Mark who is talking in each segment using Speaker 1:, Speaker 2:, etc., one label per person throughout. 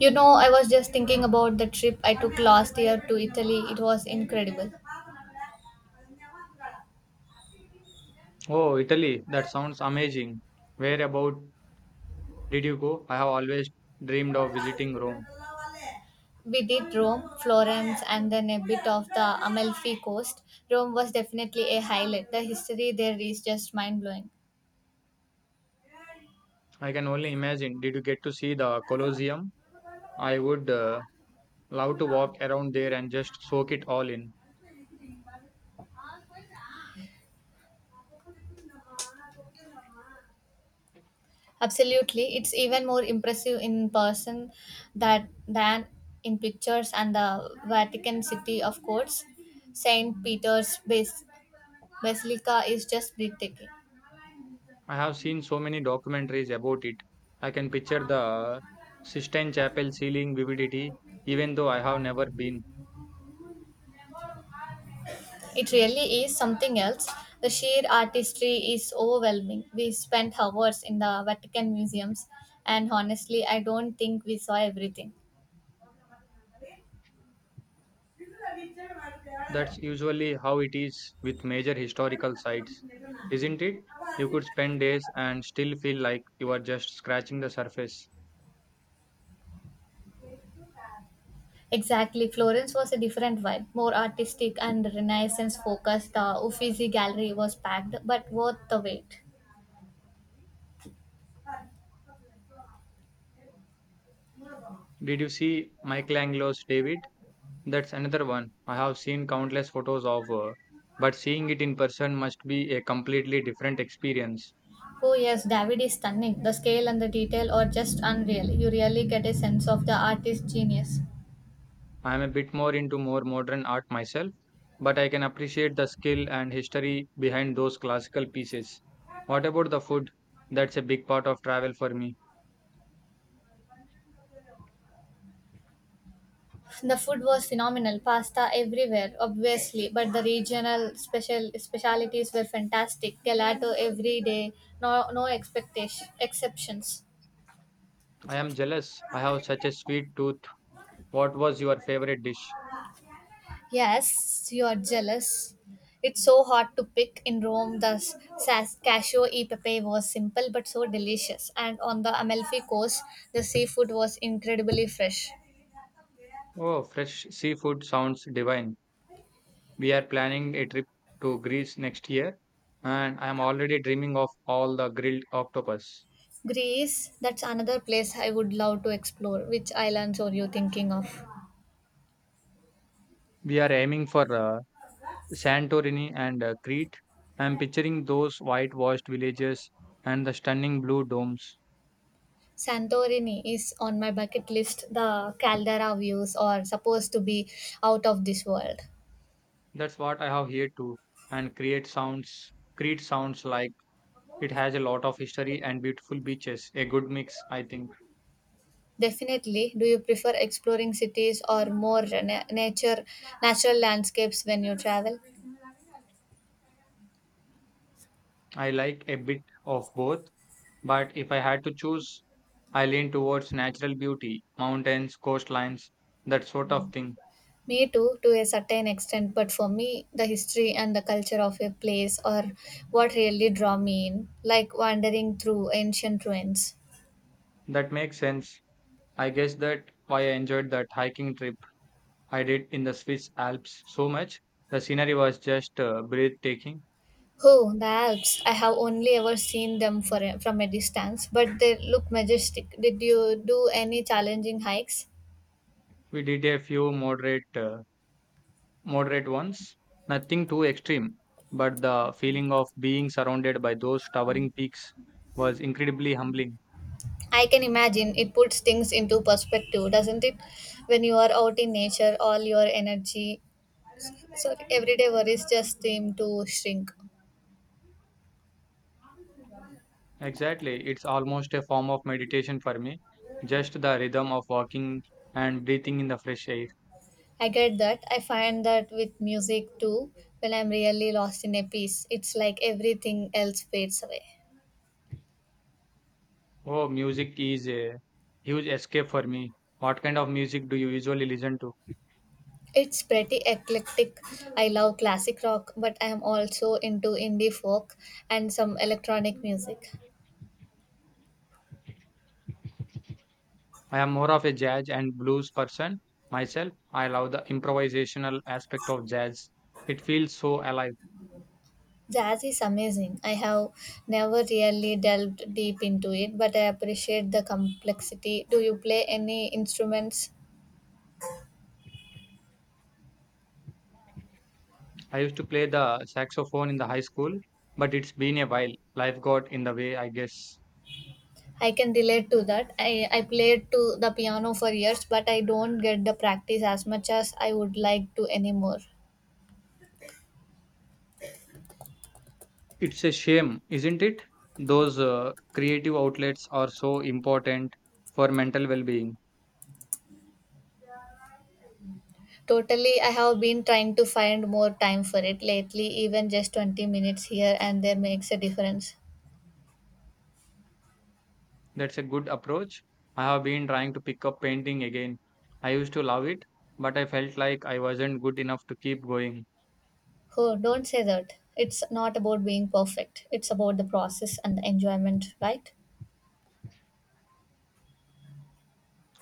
Speaker 1: You know, I was just thinking about the trip I took last year to Italy. It was incredible.
Speaker 2: Oh, Italy, that sounds amazing. Where about did you go? I have always dreamed of visiting Rome.
Speaker 1: We did Rome, Florence, and then a bit of the Amalfi Coast. Rome was definitely a highlight. The history there is just mind blowing.
Speaker 2: I can only imagine. Did you get to see the Colosseum? I would love to walk around there and just soak it all in.
Speaker 1: Absolutely, it's even more impressive in person that than in pictures. And the Vatican City, of course, Saint Peter's Bas- Basilica is just breathtaking.
Speaker 2: I have seen so many documentaries about it. I can picture the Sistine Chapel ceiling vividity, even though I have never been.
Speaker 1: It really is something else. The sheer artistry is overwhelming. We spent hours in the Vatican museums, and honestly, I don't think we saw everything.
Speaker 2: That's usually how it is with major historical sites, isn't it? You could spend days and still feel like you are just scratching the surface.
Speaker 1: Exactly, Florence was a different vibe, more artistic and Renaissance focused. The Uffizi gallery was packed, but worth the wait.
Speaker 2: Did you see Michelangelo's David? That's another one I have seen countless photos of, but seeing it in person must be a completely different experience.
Speaker 1: Oh, yes, David is stunning. The scale and the detail are just unreal. You really get a sense of the artist's genius.
Speaker 2: I am a bit more into more modern art myself, but I can appreciate the skill and history behind those classical pieces. What about the food? That's a big part of travel for me.
Speaker 1: The food was phenomenal, pasta everywhere, obviously, but the regional specialities were fantastic. Gelato every day, no no expectation exceptions.
Speaker 2: I am jealous. I have such a sweet tooth. What was your favorite dish?
Speaker 1: Yes, you are jealous. It's so hard to pick in Rome. The cashew e pepe was simple but so delicious, and on the Amalfi coast, the seafood was incredibly fresh.
Speaker 2: Oh, fresh seafood sounds divine. We are planning a trip to Greece next year, and I am already dreaming of all the grilled octopus.
Speaker 1: Greece, that's another place I would love to explore. Which islands are you thinking of?
Speaker 2: We are aiming for Santorini and Crete. I am picturing those whitewashed villages and the stunning blue domes.
Speaker 1: Santorini is on my bucket list. The caldera views are supposed to be out of this world.
Speaker 2: That's what I have here too. And Crete sounds like it has a lot of history and beautiful beaches. A good mix, I think.
Speaker 1: Definitely. Do you prefer exploring cities or more na- nature natural landscapes when you travel?
Speaker 2: I like a bit of both, but if I had to choose, I lean towards natural beauty, mountains, coastlines, that sort of thing.
Speaker 1: Me too, to a certain extent, but for me, the history and the culture of a place are what really draw me in, like wandering through ancient ruins.
Speaker 2: That makes sense. I guess that why I enjoyed that hiking trip I did in the Swiss Alps so much. The scenery was just breathtaking.
Speaker 1: Oh, the Alps. I have only ever seen them from a distance, but they look majestic. Did you do any challenging hikes?
Speaker 2: We did a few moderate ones, nothing too extreme, but the feeling of being surrounded by those towering peaks was incredibly humbling.
Speaker 1: I can imagine it puts things into perspective, doesn't it? When you are out in nature, all your everyday worries just seem to shrink.
Speaker 2: Exactly. It's almost a form of meditation for me. Just the rhythm of walking and breathing in the fresh air.
Speaker 1: I get that. I find that with music too, when I'm really lost in a piece, it's like everything else fades away.
Speaker 2: Oh, music is a huge escape for me. What kind of music do you usually listen to?
Speaker 1: It's pretty eclectic. I love classic rock, but I am also into indie folk and some electronic music.
Speaker 2: I am more of a jazz and blues person myself. I love the improvisational aspect of jazz. It feels so alive.
Speaker 1: Jazz is amazing. I have never really delved deep into it, but I appreciate the complexity. Do you play any instruments?
Speaker 2: I used to play the saxophone in the high school, but it's been a while. Life got in the way, I guess.
Speaker 1: I can relate to that. I played to the piano for years, but I don't get the practice as much as I would like to anymore.
Speaker 2: It's a shame, isn't it? Those creative outlets are so important for mental well being.
Speaker 1: Totally, I have been trying to find more time for it lately, even just 20 minutes here and there makes a difference.
Speaker 2: That's a good approach. I have been trying to pick up painting again. I used to love it, but I felt like I wasn't good enough to keep going.
Speaker 1: Oh, don't say that. It's not about being perfect, it's about the process and the enjoyment, right?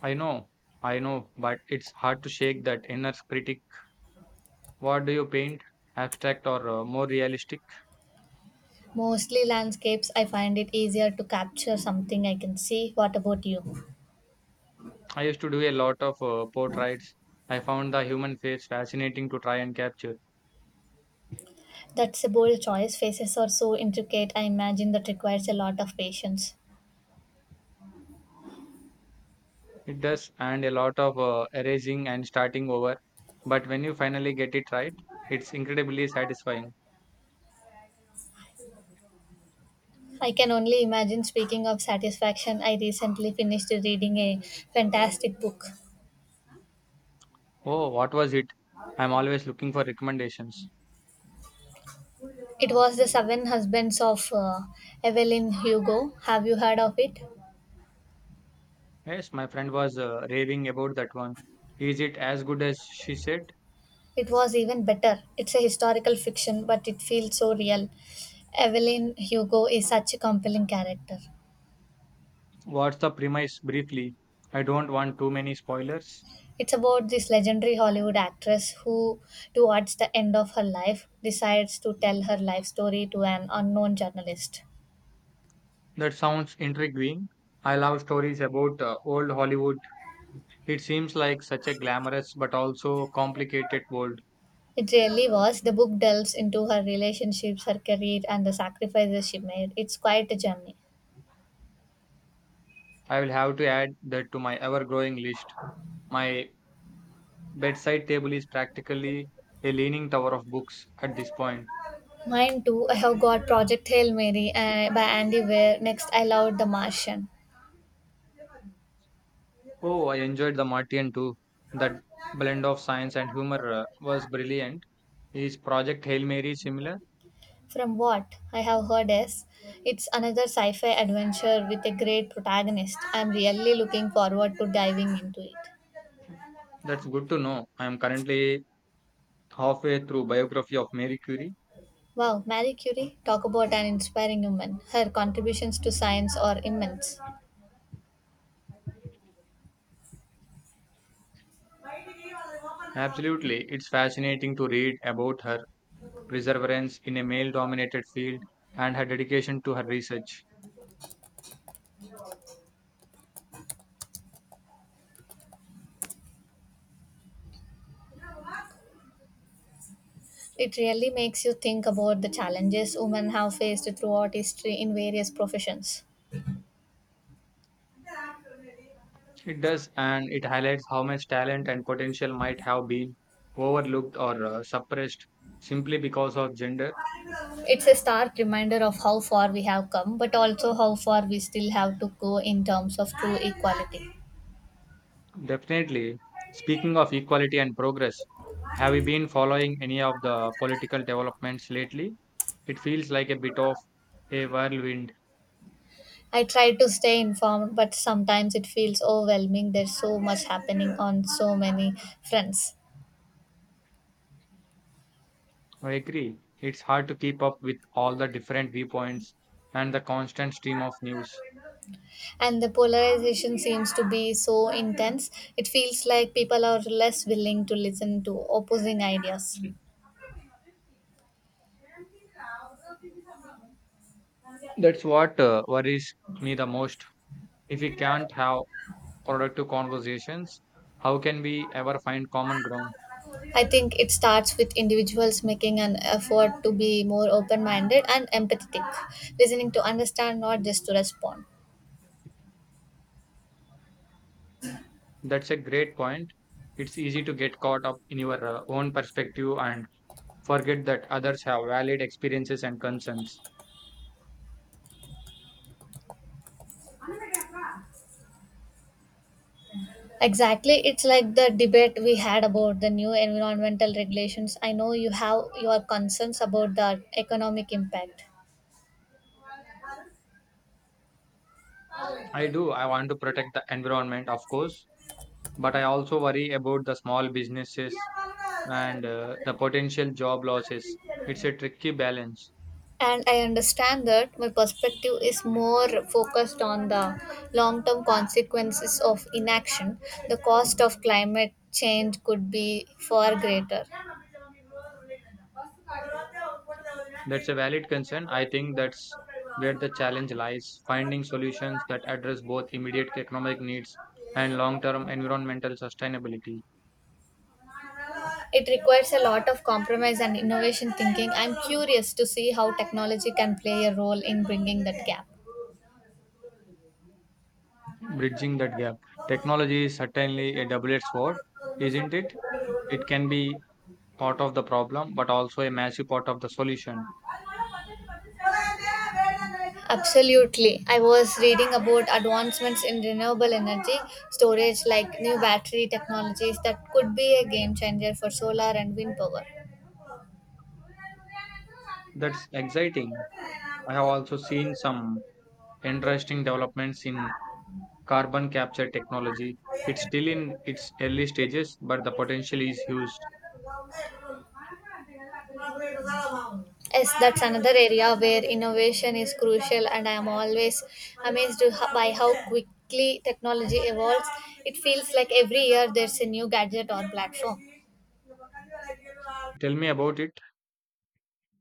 Speaker 2: I know, I know, but it's hard to shake that inner critic. What do you paint? Abstract or more realistic?
Speaker 1: Mostly landscapes, I find it easier to capture something I can see. What about you?
Speaker 2: I used to do a lot of portraits. I found the human face fascinating to try and capture.
Speaker 1: That's a bold choice. Faces are so intricate, I imagine that requires a lot of patience.
Speaker 2: It does, and a lot of erasing and starting over. But when you finally get it right, it's incredibly satisfying.
Speaker 1: I can only imagine. Speaking of satisfaction, I recently finished reading a fantastic book.
Speaker 2: Oh, what was it? I'm always looking for recommendations.
Speaker 1: It was the Seven Husbands of Evelyn Hugo. Have you heard of it?
Speaker 2: Yes, my friend was raving about that one. Is it as good as she said?
Speaker 1: It was even better. It's a historical fiction, but it feels so real. Evelyn Hugo is such a compelling character.
Speaker 2: What's the premise briefly? I don't want too many spoilers.
Speaker 1: It's about this legendary Hollywood actress who, towards the end of her life, decides to tell her life story to an unknown journalist.
Speaker 2: That sounds intriguing. I love stories about old Hollywood. It seems like such a glamorous but also complicated world.
Speaker 1: It really was. The book delves into her relationships, her career, and the sacrifices she made. It's quite a journey.
Speaker 2: I will have to add that to my ever growing list. My bedside table is practically a leaning tower of books at this point.
Speaker 1: Mine too. I have got Project Hail Mary by Andy Weir. Next, I loved The Martian.
Speaker 2: Oh, I enjoyed The Martian too. That blend of science and humor was brilliant. Is Project Hail Mary similar?
Speaker 1: From what I have heard is, it's another sci-fi adventure with a great protagonist. I'm really looking forward to diving into it.
Speaker 2: That's good to know. I am currently halfway through biography of Mary Curie.
Speaker 1: Wow, Marie Curie, talk about an inspiring woman. Her contributions to science are immense.
Speaker 2: Absolutely, it's fascinating to read about her perseverance in a male-dominated field and her dedication to her research.
Speaker 1: It really makes you think about the challenges women have faced throughout history in various professions.
Speaker 2: It does, and it highlights how much talent and potential might have been overlooked or suppressed simply because of gender.
Speaker 1: It's a stark reminder of how far we have come, but also how far we still have to go in terms of true equality.
Speaker 2: Definitely. Speaking of equality and progress, have you been following any of the political developments lately? It feels like a bit of a whirlwind.
Speaker 1: I try to stay informed, but sometimes it feels overwhelming. There's so much happening on so many fronts.
Speaker 2: I agree. It's hard to keep up with all the different viewpoints and the constant stream of news.
Speaker 1: And the polarization seems to be so intense, it feels like people are less willing to listen to opposing ideas.
Speaker 2: That's what worries me the most. If we can't have productive conversations, how can we ever find common ground?
Speaker 1: I think it starts with individuals making an effort to be more open minded and empathetic, listening to understand, not just to respond.
Speaker 2: That's a great point. It's easy to get caught up in your own perspective and forget that others have valid experiences and concerns.
Speaker 1: Exactly, it's like the debate we had about the new environmental regulations. I know you have your concerns about the economic impact.
Speaker 2: I do. I want to protect the environment, of course, but I also worry about the small businesses and the potential job losses. It's a tricky balance.
Speaker 1: And I understand that my perspective is more focused on the long term consequences of inaction. The cost of climate change could be far greater.
Speaker 2: That's a valid concern. I think that's where the challenge lies, finding solutions that address both immediate economic needs and long-term environmental sustainability,
Speaker 1: It requires a lot of compromise and innovation thinking. I'm curious to see how technology can play a role in bringing that gap.
Speaker 2: bridging that gap. Technology is certainly a double-edged sword, isn't it? It can be part of the problem, but also a massive part of the solution.
Speaker 1: Absolutely. I was reading about advancements in renewable energy storage, like new battery technologies that could be a game changer for solar and wind power.
Speaker 2: That's exciting. I have also seen some interesting developments in carbon capture technology. It's still in its early stages, but the potential is huge.
Speaker 1: Yes, that's another area where innovation is crucial, and I am always by how quickly technology evolves. It feels like every year there's a new gadget or platform.
Speaker 2: Tell me about it.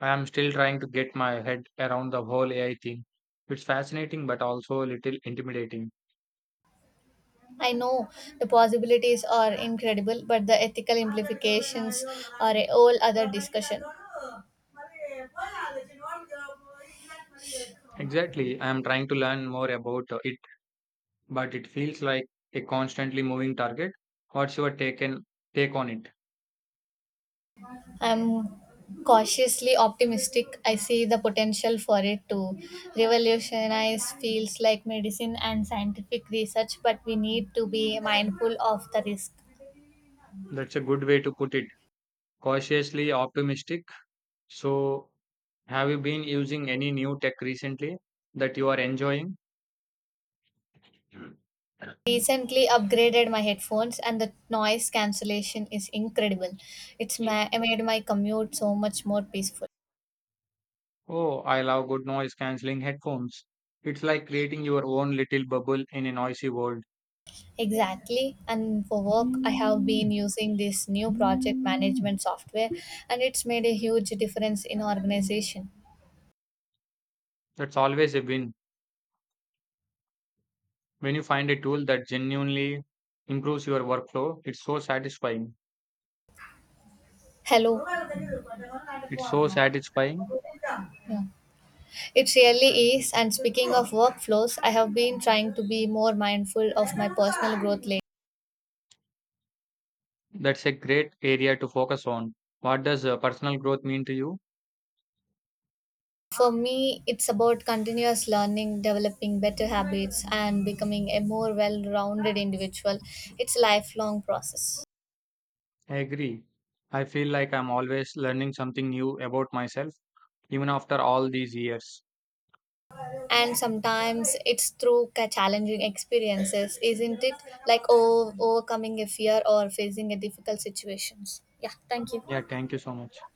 Speaker 2: I am still trying to get my head around the whole AI thing. It's fascinating but also a little intimidating.
Speaker 1: I know the possibilities are incredible, but the ethical implications are a whole other discussion.
Speaker 2: Exactly, I am trying to learn more about it, but it feels like a constantly moving target. What's your take on it?
Speaker 1: I'm cautiously optimistic. I see the potential for it to revolutionize fields like medicine and scientific research, but we need to be mindful of the risk.
Speaker 2: That's a good way to put it. Cautiously optimistic. So, have you been using any new tech recently that you are enjoying?
Speaker 1: Recently upgraded my headphones and the noise cancellation is incredible. Made my commute so much more peaceful.
Speaker 2: Oh, I love good noise cancelling headphones. It's like creating your own little bubble in a noisy world.
Speaker 1: Exactly, and for work I have been
Speaker 2: Mm,
Speaker 1: using this new project
Speaker 2: mm.
Speaker 1: management software, and it's made a huge difference in organization.
Speaker 2: That's always a win. When you find a tool that genuinely improves your workflow, it's so satisfying.
Speaker 1: Hello.
Speaker 2: It's so satisfying.
Speaker 1: Yeah. It really is. And speaking of workflows, I have been trying to be more mindful of my personal growth lately.
Speaker 2: That's a great area to focus on. What does personal growth mean to you?
Speaker 1: For me, it's about continuous learning, developing better habits, and becoming a more well rounded individual. It's a lifelong process.
Speaker 2: I agree. I feel like I'm always learning something new about myself, even after all these years.
Speaker 1: And sometimes it's through challenging experiences, isn't it? Like overcoming a fear or facing a difficult situations. Yeah, thank you.
Speaker 2: Yeah, thank you so much.